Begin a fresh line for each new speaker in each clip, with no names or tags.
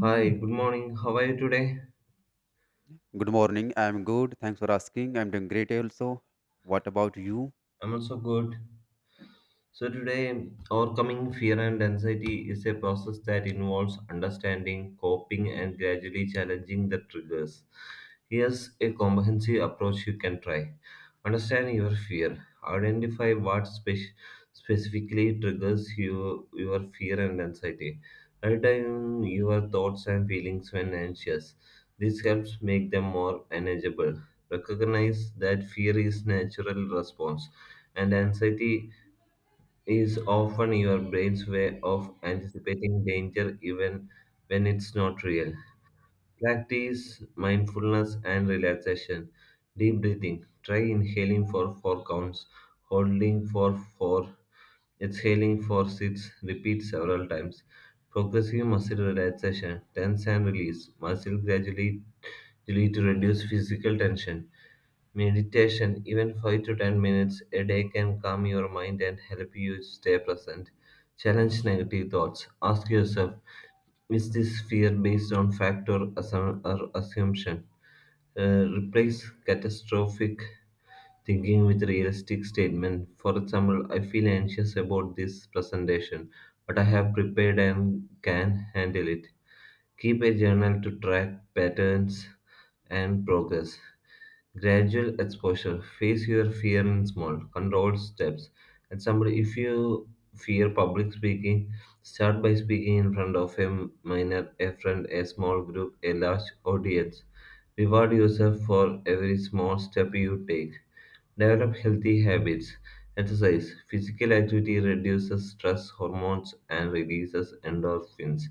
Hi, good morning. How are you today?
Good morning. I'm good. Thanks for asking. I'm doing great also. What about you?
I'm also good. So, today, overcoming fear and anxiety is a process that involves understanding, coping, and gradually challenging the triggers. Here's a comprehensive approach you can try. Understand your fear, identify what specifically triggers you, your fear and anxiety. Write down your thoughts and feelings when anxious. This helps make them more manageable. Recognize that fear is natural response and anxiety is often your brain's way of anticipating danger even when it's not real. Practice mindfulness and relaxation. Deep breathing. Try inhaling for 4 counts, holding for 4, exhaling for 6. Repeat several times. Progressive muscle relaxation. Tense and release. Muscle gradually to reduce physical tension. Meditation, even 5 to 10 minutes a day, can calm your mind and help you stay present. Challenge negative thoughts. Ask yourself, is this fear based on fact or assumption? Replace catastrophic thinking with realistic statement. For example, I feel anxious about this presentation, but I have prepared and can handle it. Keep a journal to track patterns and progress. Gradual exposure. Face your fear in small, controlled steps. Example, if you fear public speaking, start by speaking in front of a minor, a friend, a small group, a large audience. Reward yourself for every small step you take. Develop healthy habits. Exercise. Physical activity reduces stress hormones and releases endorphins.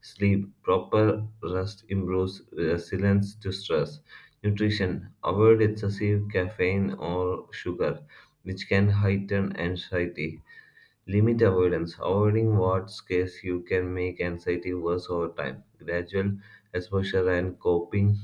Sleep. Proper rest improves resilience to stress. Nutrition. Avoid excessive caffeine or sugar, which can heighten anxiety. Limit avoidance. Avoiding what scares you can make anxiety worse over time. Gradual exposure and coping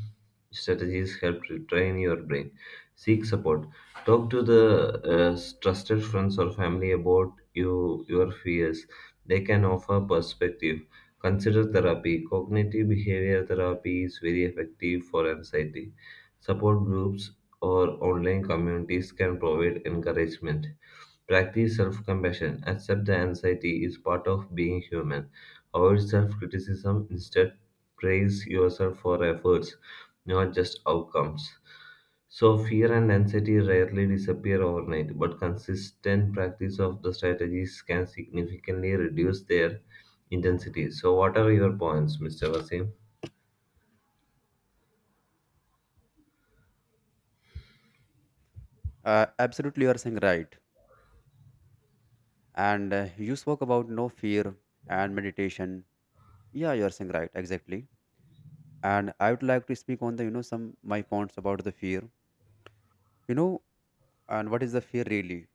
strategies help retrain your brain. Seek support. Talk to the trusted friends or family about you, your fears. They can offer perspective. Consider therapy. Cognitive behavior therapy is very effective for anxiety. Support groups or online communities can provide encouragement. Practice self compassion. Accept that anxiety is part of being human. Avoid self criticism. Instead, praise yourself for efforts, not just outcomes. So, fear and anxiety rarely disappear overnight, but consistent practice of the strategies can significantly reduce their intensity. So, what are your points, Mr. Vasim?
Absolutely, you are saying right. And you spoke about no fear and meditation. Yeah, you are saying right. Exactly. And I would like to speak on the, some my points about the fear. You know, and what is the fear really?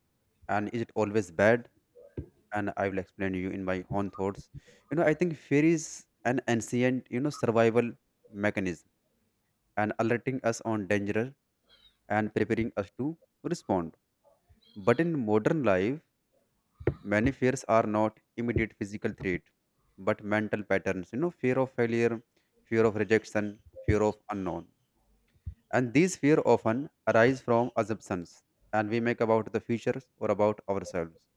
And is it always bad? And I will explain you in my own thoughts. You know, I think fear is an ancient, survival mechanism and alerting us on danger and preparing us to respond. But in modern life, many fears are not immediate physical threat, but mental patterns. You know, fear of failure, fear of rejection, fear of unknown. And these fear often arise from assumptions and we make about the future or about ourselves,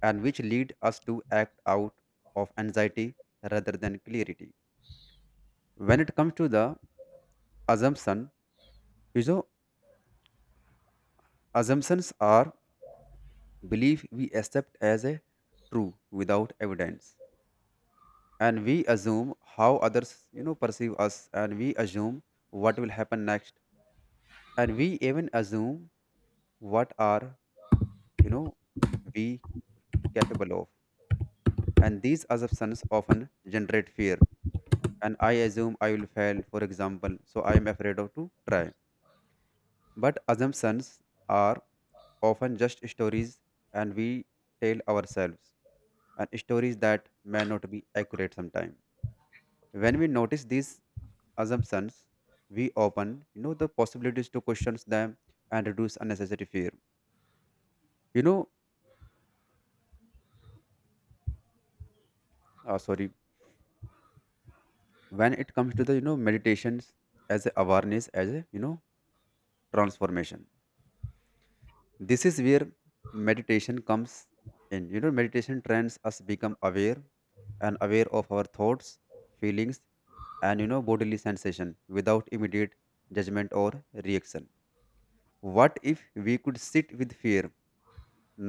and which lead us to act out of anxiety rather than clarity. When it comes to the assumption, you know, assumptions are belief we accept as a true without evidence and we assume how others perceive us and we assume what will happen next and we even assume what are you know we capable of and these assumptions often generate fear and I assume I will fail for example so I am afraid of to try. But assumptions are often just stories and we tell ourselves, and stories that may not be accurate sometimes. When we notice these assumptions, we open the possibilities to question them and reduce unnecessary fear. You know, sorry. When it comes to the meditations as a awareness as a transformation. This is where meditation comes in. Meditation trains us become aware and aware of our thoughts, feelings, and bodily sensation without immediate judgment or reaction. What if we could sit with fear,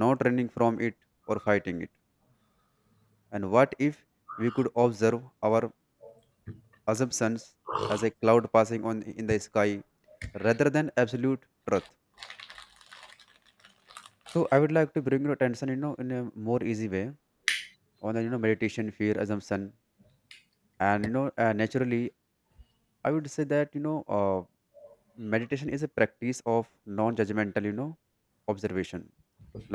not running from it or fighting it? And what if we could observe our assumptions as a cloud passing on in the sky rather than absolute truth? So I would like to bring your attention in a more easy way on the meditation fear assumption and naturally I would say that meditation is a practice of non-judgmental observation,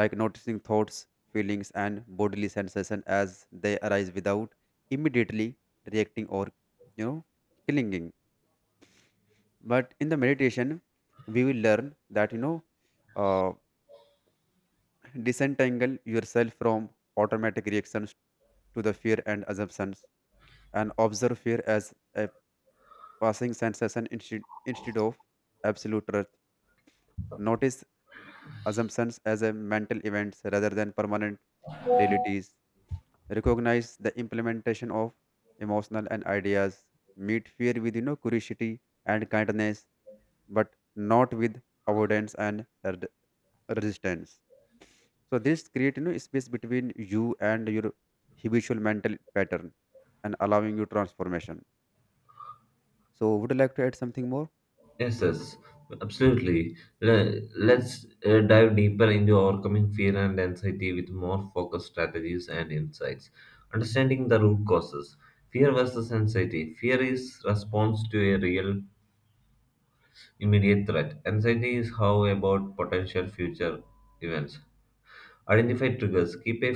like noticing thoughts, feelings, and bodily sensation as they arise without immediately reacting or you know clinging. But in the meditation we will learn that uh, disentangle yourself from automatic reactions to the fear and assumptions and observe fear as a passing sensation instead of absolute truth. Notice assumptions as a mental events rather than permanent realities. Recognize the implementation of emotional and ideas. Meet fear with curiosity and kindness, but not with avoidance and resistance. So this create space between you and your habitual mental pattern and allowing you transformation. So would you like to add something more?
Yes, yes, absolutely. Let's dive deeper into overcoming fear and anxiety with more focused strategies and insights. Understanding the root causes. Fear versus anxiety. Fear is response to a real immediate threat. Anxiety is how about potential future events. Identify triggers. Keep a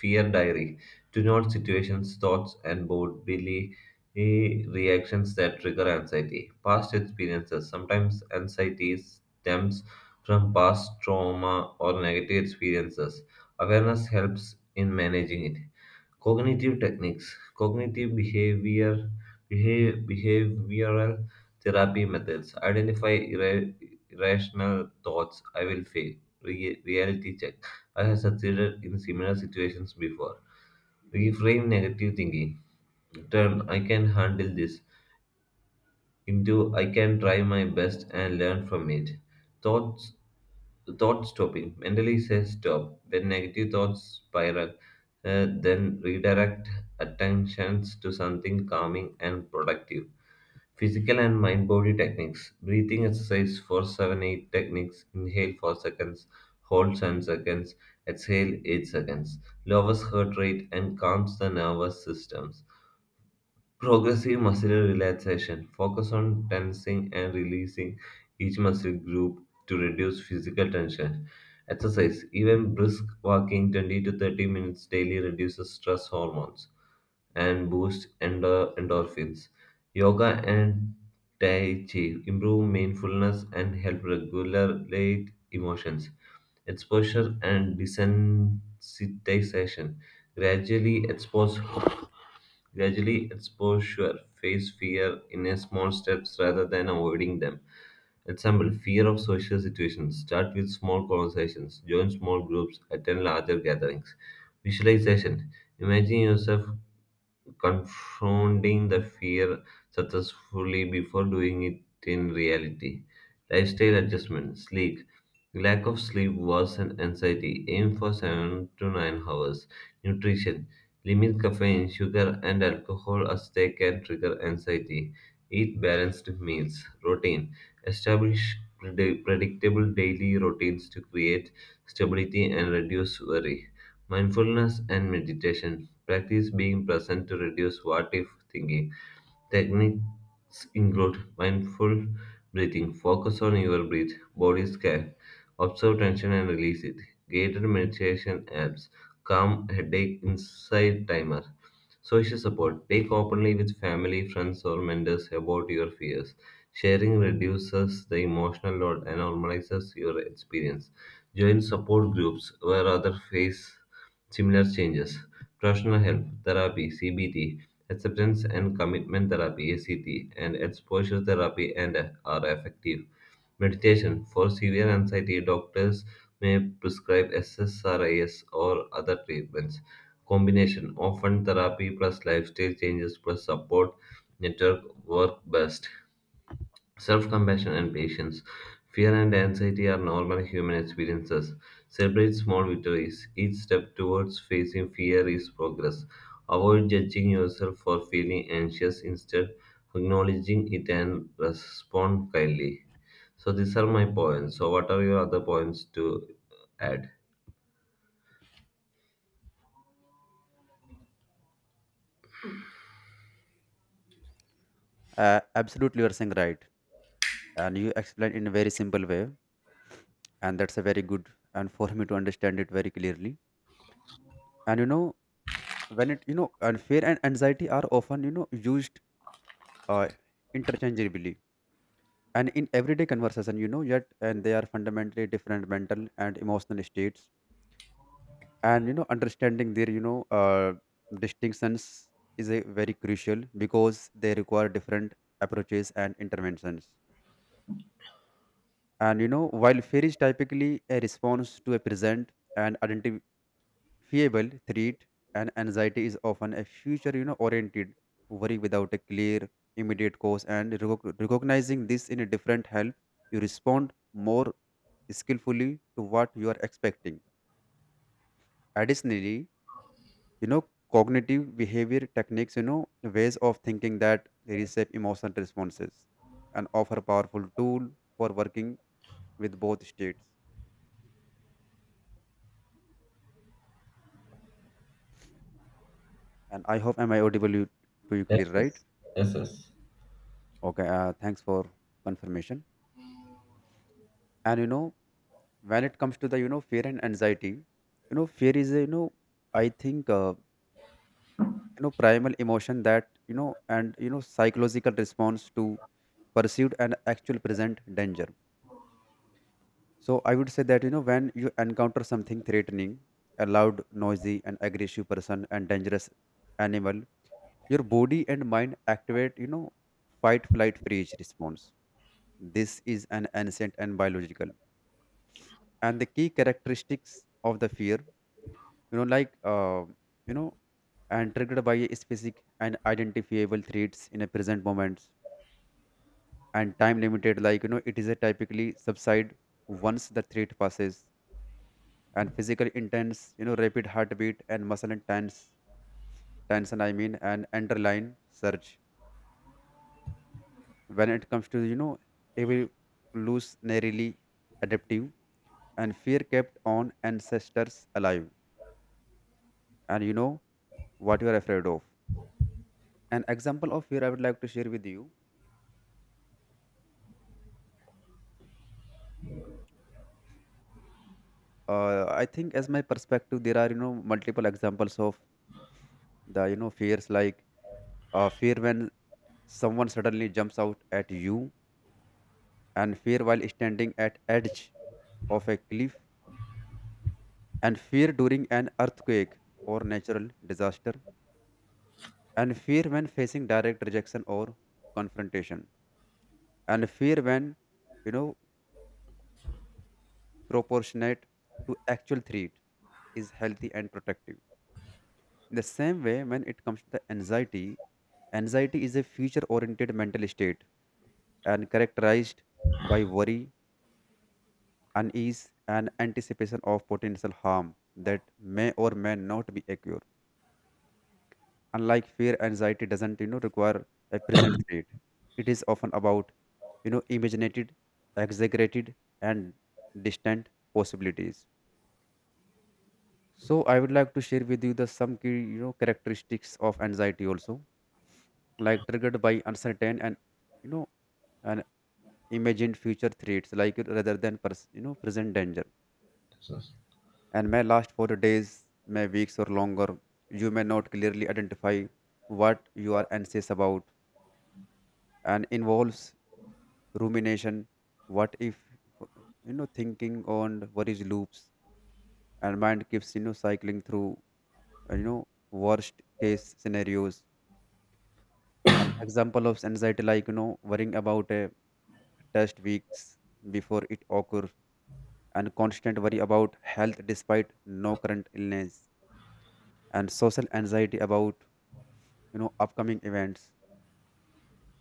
fear diary. Do note situations, thoughts, and bodily reactions that trigger anxiety. Past experiences. Sometimes anxiety stems from past trauma or negative experiences. Awareness helps in managing it. Cognitive techniques, cognitive behavior, behavioral therapy methods identify irrational thoughts. I will fail. Reality check. I have succeeded in similar situations before. Reframe negative thinking. Turn. I can handle this into I can try my best and learn from it. Thoughts Thought stopping mentally says stop when negative thoughts spiral, then redirect attentions to something calming and productive. Physical and mind body techniques. Breathing exercise 4-7-8 techniques. Inhale 4 seconds, hold 10 seconds, exhale 8 seconds. Lowers heart rate and calms the nervous systems. Progressive muscle relaxation. Focus on tensing and releasing each muscle group to reduce physical tension. Exercise. Even brisk walking 20 to 30 minutes daily reduces stress hormones and boosts endorphins. Yoga and Tai Chi improve mindfulness and help regulate emotions. Exposure and desensitization. Gradually expose Gradually, expose exposure face fear in a small steps rather than avoiding them. Example, fear of social situations. Start with small conversations, join small groups, attend larger gatherings. Visualization. Imagine yourself confronting the fear successfully before doing it in reality. Lifestyle adjustment, sleep. Lack of sleep worsen anxiety. Aim for 7 to 9 hours. Nutrition. Limit caffeine, sugar, and alcohol as they can trigger anxiety. Eat balanced meals. Routine. Establish predictable daily routines to create stability and reduce worry. Mindfulness and meditation practice being present to reduce what if thinking. Techniques include mindful breathing, focus on your breath, body scan, observe tension and release it. Guided meditation apps, calm headache inside timer. Social support. Take openly with family, friends, or mentors about your fears. Sharing reduces the emotional load and normalizes your experience. Join support groups where others face similar changes. Professional help, therapy, CBT, acceptance and commitment therapy, ACT, and exposure therapy and are effective. Meditation for severe anxiety, doctors may prescribe SSRIs or other treatments. Combination often therapy plus lifestyle changes plus support network work best. Self compassion and patience. Fear and anxiety are normal human experiences. Celebrate small victories. Each step towards facing fear is progress. Avoid judging yourself for feeling anxious. Instead, acknowledging it and respond kindly. So, these are my points. So, what are your other points to add?
Absolutely, you're saying right. And you explain in a very simple way, and that's a very good and for me to understand it very clearly. And you know, when it you know, and fear and anxiety are often used uh, interchangeably, and in everyday conversation, yet and they are fundamentally different mental and emotional states. And you know, understanding their distinctions is a very crucial because they require different approaches and interventions. And you know, while fear is typically a response to a present and identifiable threat, and anxiety is often a future, oriented worry without a clear immediate cause. And recognizing this in a different help, you respond more skillfully to what you are expecting. Additionally, you know, cognitive behavior techniques, ways of thinking that reshape emotional responses and offer powerful tool for working with both states. And I hope am I audible you- to you
Yes,
clear, right?
yes, yes, yes,
Okay. Thanks for confirmation. And you know, when it comes to the fear and anxiety, you know, fear is a, you know, I think primal emotion that you know and psychological response to perceived and actual present danger. So I would say that you know when you encounter something threatening, a loud, noisy, and aggressive person and dangerous animal, your body and mind activate fight, flight, freeze response. This is an ancient and biological, and the key characteristics of the fear, you know, like uh, you know, and triggered by a specific and identifiable threats in a present moment and time limited, it is a typically subside once the threat passes and physical intense rapid heartbeat and muscle and tense tension I mean and underline surge when it comes to evolutionarily adaptive and fear kept on ancestors alive and you know what you are afraid of. An example of fear I would like to share with you, I think as my perspective there are multiple examples of the fears, like fear when someone suddenly jumps out at you, and fear while standing at edge of a cliff, and fear during an earthquake or natural disaster, and fear when facing direct rejection or confrontation, and fear when you know proportionate to actual threat is healthy and protective. In the same way, when it comes to the anxiety, anxiety is a future oriented mental state and characterized by worry, unease, and anticipation of potential harm that may or may not be occur. Unlike fear, anxiety doesn't require a present threat. It is often about imaginated, exaggerated, and distant possibilities. So I would like to share with you the some key characteristics of anxiety also, like triggered by uncertain and you know an imagined future threats, like rather than present danger,
yes.
and may last for days, may weeks, or longer. You may not clearly identify what you are anxious about and involves rumination. What if, you know, thinking on worries loops and mind keeps, you know, cycling through, worst case scenarios. An example of anxiety, like, you know, worrying about a test weeks before it occurs, and constant worry about health despite no current illness, and social anxiety about upcoming events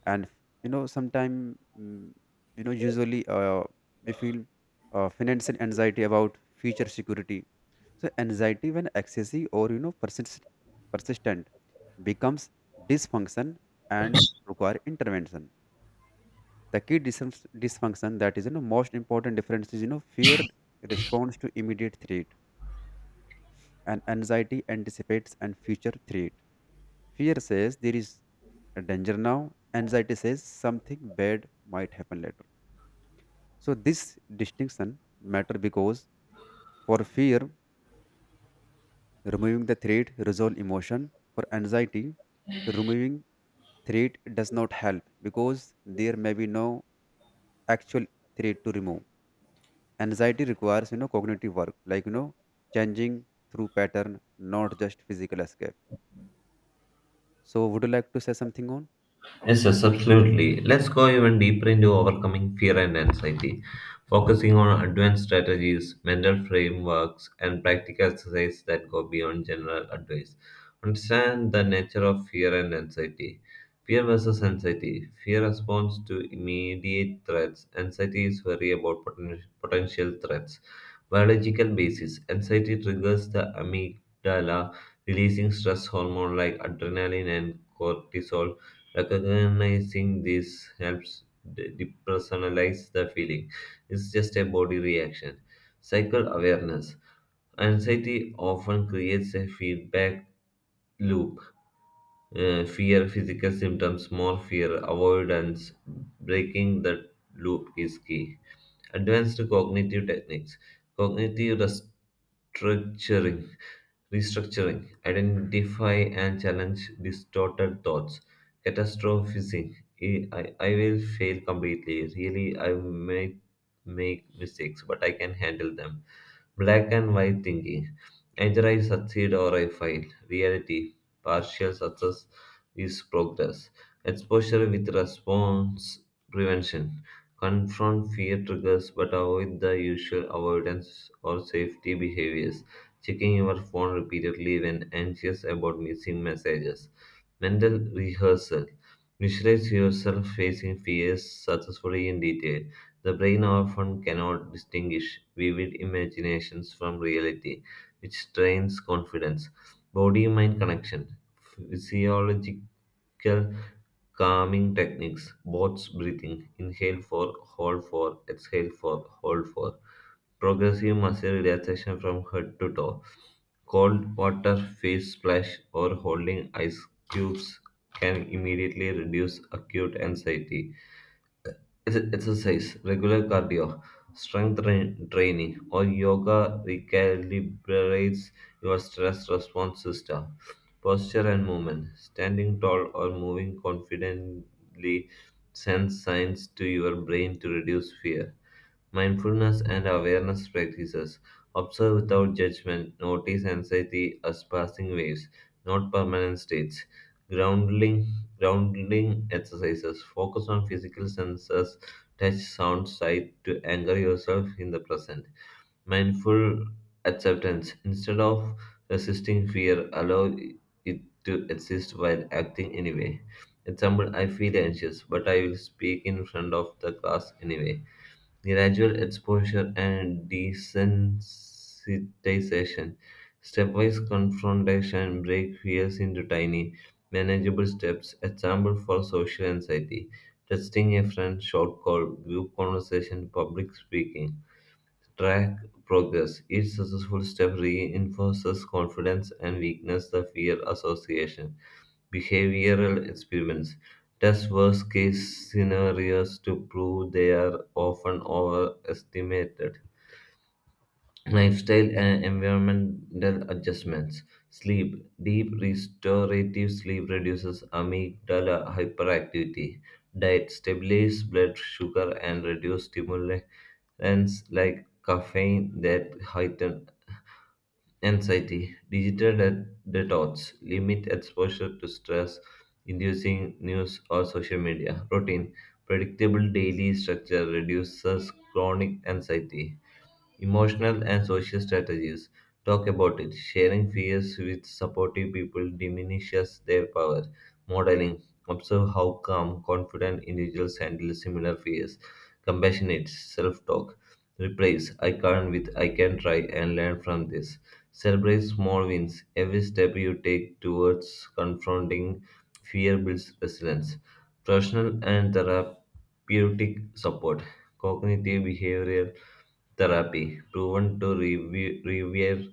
and you know sometime mm, you know usually we feel financial anxiety about future security. So anxiety when excessive or you know persistent becomes dysfunction and require intervention. The key dysfunction that is most important difference is fear responds to immediate threat and anxiety anticipates and future threat. Fear says there is a danger now, anxiety says something bad might happen later. So this distinction matter because for fear, removing the threat resolve emotion. For anxiety, removing threat does not help because there may be no actual threat to remove. Anxiety requires cognitive work, like changing through pattern, not just physical escape. So would you like to say something on?
Yes, yes, absolutely. Let's go even deeper into overcoming fear and anxiety, focusing on advanced strategies, mental frameworks, and practical exercises that go beyond general advice. Understand the nature of fear and anxiety. Fear versus anxiety. Fear responds to immediate threats. Anxiety is worry about potential threats. Biological basis. Anxiety triggers the amygdala, releasing stress hormone like adrenaline and cortisol. Recognizing this helps depersonalize the feeling. It's just a body reaction. Cycle awareness. Anxiety often creates a feedback loop, fear, physical symptoms, more fear, avoidance. Breaking the loop is key. Advanced cognitive techniques, cognitive restructuring, restructuring, identify and challenge distorted thoughts, catastrophizing. I will fail completely. Really, I may make mistakes, but I can handle them. Black and white thinking. Either I succeed or I fail. Reality, partial success is progress. Exposure with response prevention. Confront fear triggers but avoid the usual avoidance or safety behaviors. Checking your phone repeatedly when anxious about missing messages. Mental rehearsal. Visualize yourself facing fears successfully in detail. The brain often cannot distinguish vivid imaginations from reality, which strains confidence. Body mind connection, physiological calming techniques, box breathing, inhale for, hold for, exhale for, hold for, progressive muscle relaxation from head to toe. Cold water face splash or holding ice cubes can immediately reduce acute anxiety. Exercise, regular cardio, training, or yoga recalibrates your stress response system. Posture and movement. Standing tall or moving confidently sends signs to your brain to reduce fear. Mindfulness and awareness practices. Observe without judgment, notice anxiety as passing waves, not permanent states. Grounding. Grounding exercises. Focus on physical senses, touch, sound, sight to anchor yourself in the present. Mindful acceptance. Instead of resisting fear, allow it to exist while acting anyway. Example, I feel anxious, but I will speak in front of the class anyway. Gradual exposure and desensitization. Stepwise confrontation break fears into tiny, manageable steps. Example for social anxiety. Testing a friend, short call, group conversation, public speaking. Track progress. Each successful step reinforces confidence and weakness the fear association. Behavioral experiments test worst case scenarios to prove they are often overestimated. Lifestyle and environmental adjustments. Sleep. Deep restorative sleep reduces amygdala hyperactivity. Diet. Stabilize blood sugar and reduce stimulants like caffeine that heighten anxiety. Digital detox. Limit exposure to stress inducing news or social media. Routine. Predictable daily structure reduces chronic anxiety. Emotional and social strategies. Talk about it. Sharing fears with supportive people diminishes their power. Modeling. Observe how calm, confident individuals handle similar fears. Compassionate self talk. Replace I can't with I can try and learn from this. Celebrate small wins. Every step you take towards confronting fear builds resilience. Professional and therapeutic support. Cognitive behavioral therapy, proven to reverse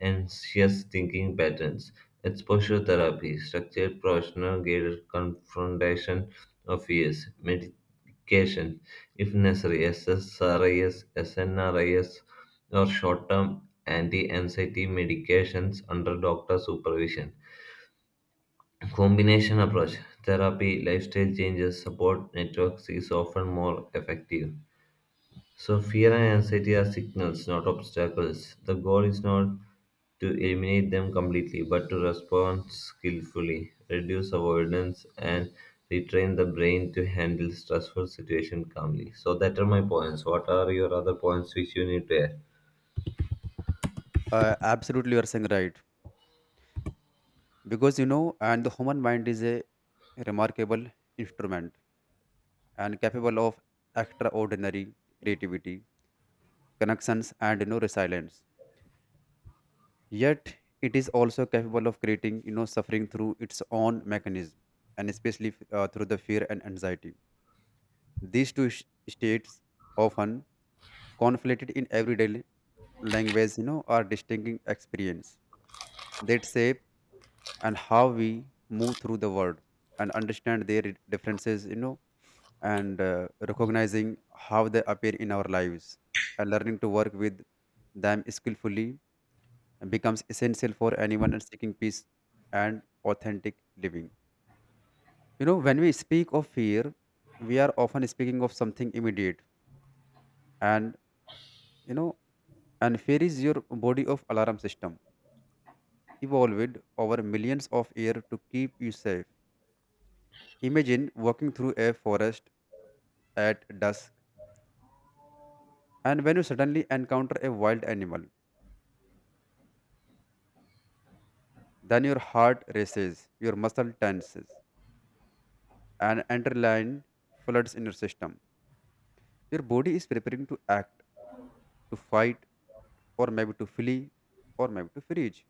anxious thinking patterns. Exposure therapy, structured professional guided confrontation of fears. Medication, if necessary, SSRIs, SNRIs, or short term anti anxiety medications under doctor supervision. Combination approach, therapy, lifestyle changes, support networks is often more effective. So, fear and anxiety are signals, not obstacles. The goal is not to eliminate them completely, but to respond skillfully, reduce avoidance, and retrain the brain to handle stressful situations calmly. So, that are my points. What are your other points which you need to add?
Absolutely, you are saying right. Because and the human mind is a remarkable instrument and capable of extraordinary creativity, connections, and resilience, yet it is also capable of creating suffering through its own mechanism, and especially through the fear and anxiety. These states often conflated in everyday language, are distinct experience that shape and how we move through the world. And understand their differences, and recognizing how they appear in our lives and learning to work with them skillfully becomes essential for anyone and seeking peace and authentic living. You know, when we speak of fear, we are often speaking of something immediate, and you know and fear is your body of alarm system evolved over millions of years to keep you safe. Imagine walking through a forest at dusk, and when you suddenly encounter a wild animal, then your heart races, your muscle tenses, and adrenaline floods in your system. Your body is preparing to act, to fight, or maybe to flee, or maybe to freeze.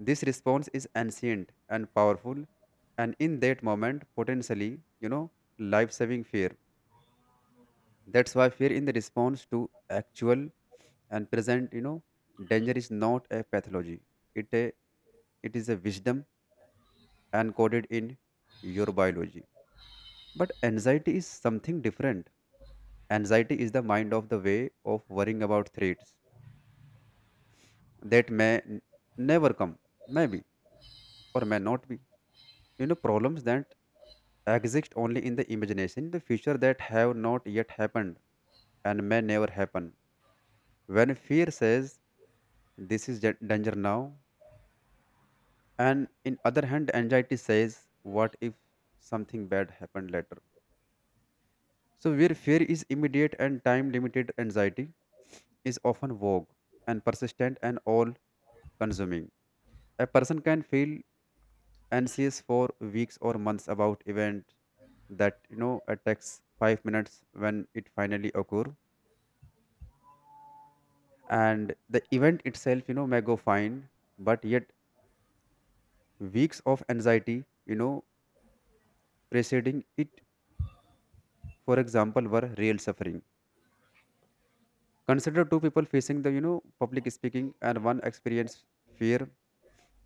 This response is ancient and powerful, and in that moment, potentially, you know, life-saving fear. That's why fear in the response to actual and present danger is not a pathology. it a, it is a wisdom encoded in your biology. But anxiety is something different. Anxiety is the mind of the way of worrying about threats that never come, maybe or may not be, problems that exist only in the imagination, the future that have not yet happened and may never happen. When fear says this is danger now, and in other hand anxiety says what if something bad happened later. So where fear is immediate and time limited, anxiety is often vague and persistent and all consuming. A person can feel anxious for weeks or months about event that takes 5 minutes when it finally occur, and the event itself may go fine, but yet weeks of anxiety you know preceding it for example were real suffering. Consider two people facing the public speaking, and one experience fear,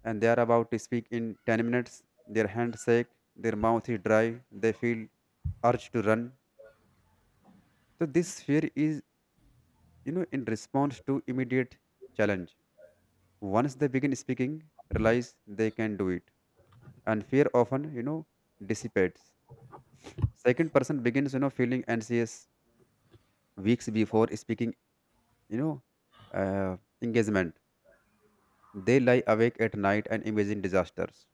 and they are about to speak in 10 minutes. Their hands shake, their mouth is dry, they feel urge to run. So this fear is in response to immediate challenge. Once they begin speaking, realize they can do it, and fear often dissipates. Second person begins feeling anxious weeks before speaking, you know uh, engagement. They lie awake at night and imagine disasters.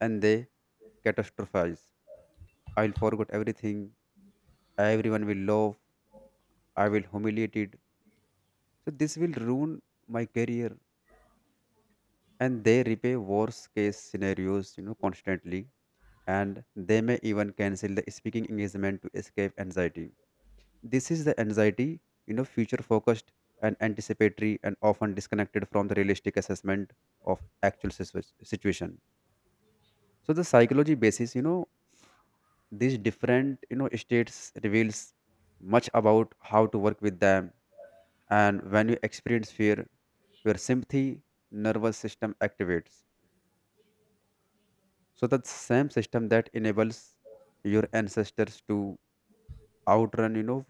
And they catastrophize. I'll forget everything. Everyone will laugh. I will humiliated. So this will ruin my career. And they replay worst case scenarios, you know, constantly. And they may even cancel the speaking engagement to escape anxiety. This is the anxiety, future focused and anticipatory and often disconnected from the realistic assessment of actual situation. So the psychology basis, you know, these different states reveals much about how to work with them. And when you experience fear, your sympathy nervous system activates, so that same system that enables your ancestors to outrun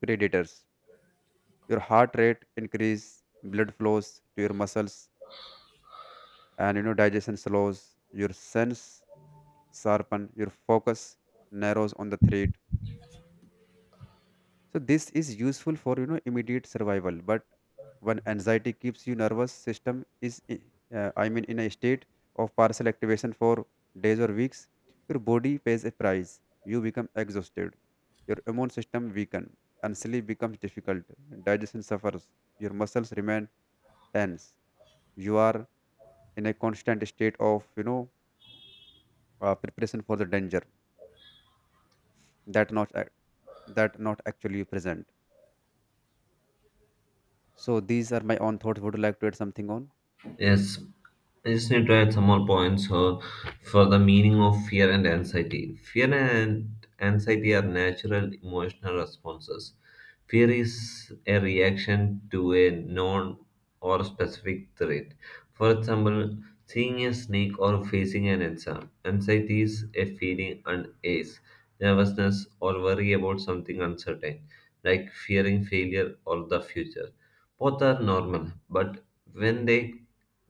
predators. Your heart rate increase, blood flows to your muscles, and digestion slows, your sense sharpen, your focus narrows on the threat. So this is useful for immediate survival. But when anxiety keeps you nervous system is I mean in a state of partial activation for days or weeks, your body pays a price. You become exhausted. Your immune system weaken and sleep becomes difficult. Digestion suffers. Your muscles remain tense. You are in a constant state of preparation for the danger that not ac- that not actually present. So these are my own thoughts. Would you like to add something on?
Yes, I just need to add some more points for the meaning of fear and anxiety. Fear and anxiety are natural emotional responses. Fear is a reaction to a known or specific threat. For example, seeing a snake or facing an exam. Anxiety is a feeling and ace, nervousness, or worry about something uncertain, like fearing failure or the future. Both are normal, but when they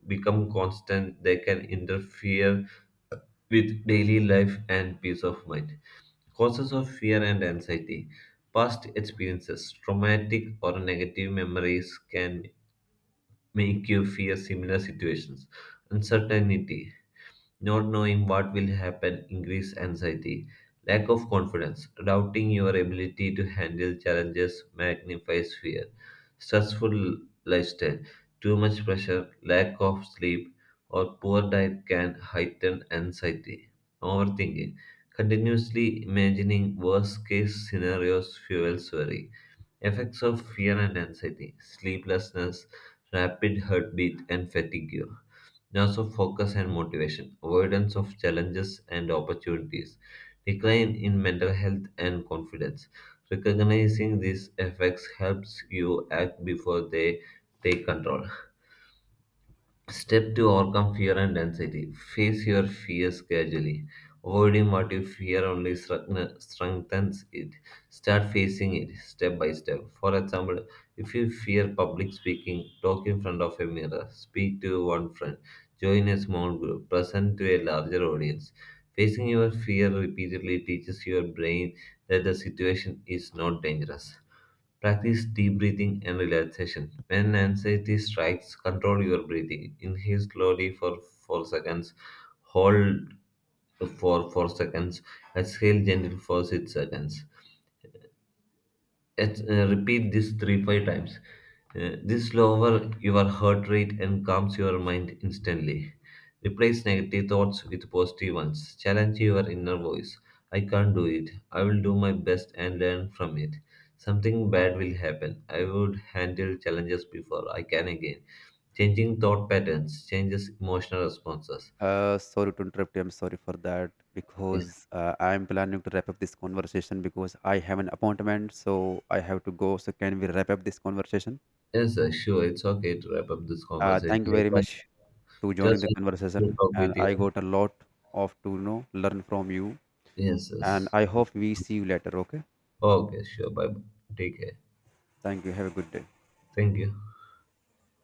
become constant, they can interfere with daily life and peace of mind. Causes of fear and anxiety. Past experiences, traumatic or negative memories can make you fear similar situations. Uncertainty. Not knowing what will happen increase anxiety. Lack of confidence, doubting your ability to handle challenges magnifies fear. Stressful lifestyle, too much pressure, lack of sleep, or poor diet can heighten anxiety. Overthinking, continuously imagining worst case scenarios fuels worry. Effects of fear and anxiety, sleeplessness, rapid heartbeat, and fatigue, loss of focus and motivation, avoidance of challenges and opportunities, decline in mental health and confidence. Recognizing these effects helps you act before they take control. Step to overcome fear and anxiety. Face your fears casually. Avoiding what you fear only strengthens it. Start facing it step by step. For example, if you fear public speaking, talk in front of a mirror, speak to one friend, join a small group, present to a larger audience. Facing your fear repeatedly teaches your brain that the situation is not dangerous. Practice deep breathing and relaxation. When anxiety strikes, control your breathing. Inhale slowly for 4 seconds, hold for 4 seconds, exhale gently for 6 seconds repeat this 3-5 times. This lowers your heart rate and calms your mind instantly. Replace negative thoughts with positive ones. Challenge your inner voice. I can't do it. I will do my best and learn from it. Something bad will happen. I would handle challenges before I can again. Changing thought patterns changes emotional responses.
Sorry to interrupt you. I'm sorry for that
Yes,
because I'm planning to wrap up this conversation because I have an appointment, so I have to go. So can we wrap up this conversation?
yes sir, sure, it's okay to wrap up this conversation.
Thank you
It
very
was
much to joining
just
the
a pleasure to
conversation,
talk
and
with
I
you.
got a lot of to learn from you.
Yes,
And
yes.
I hope we see you later. Okay.
Okay sure bye. ठीक है.
Thank you. Have a good day.
Thank you.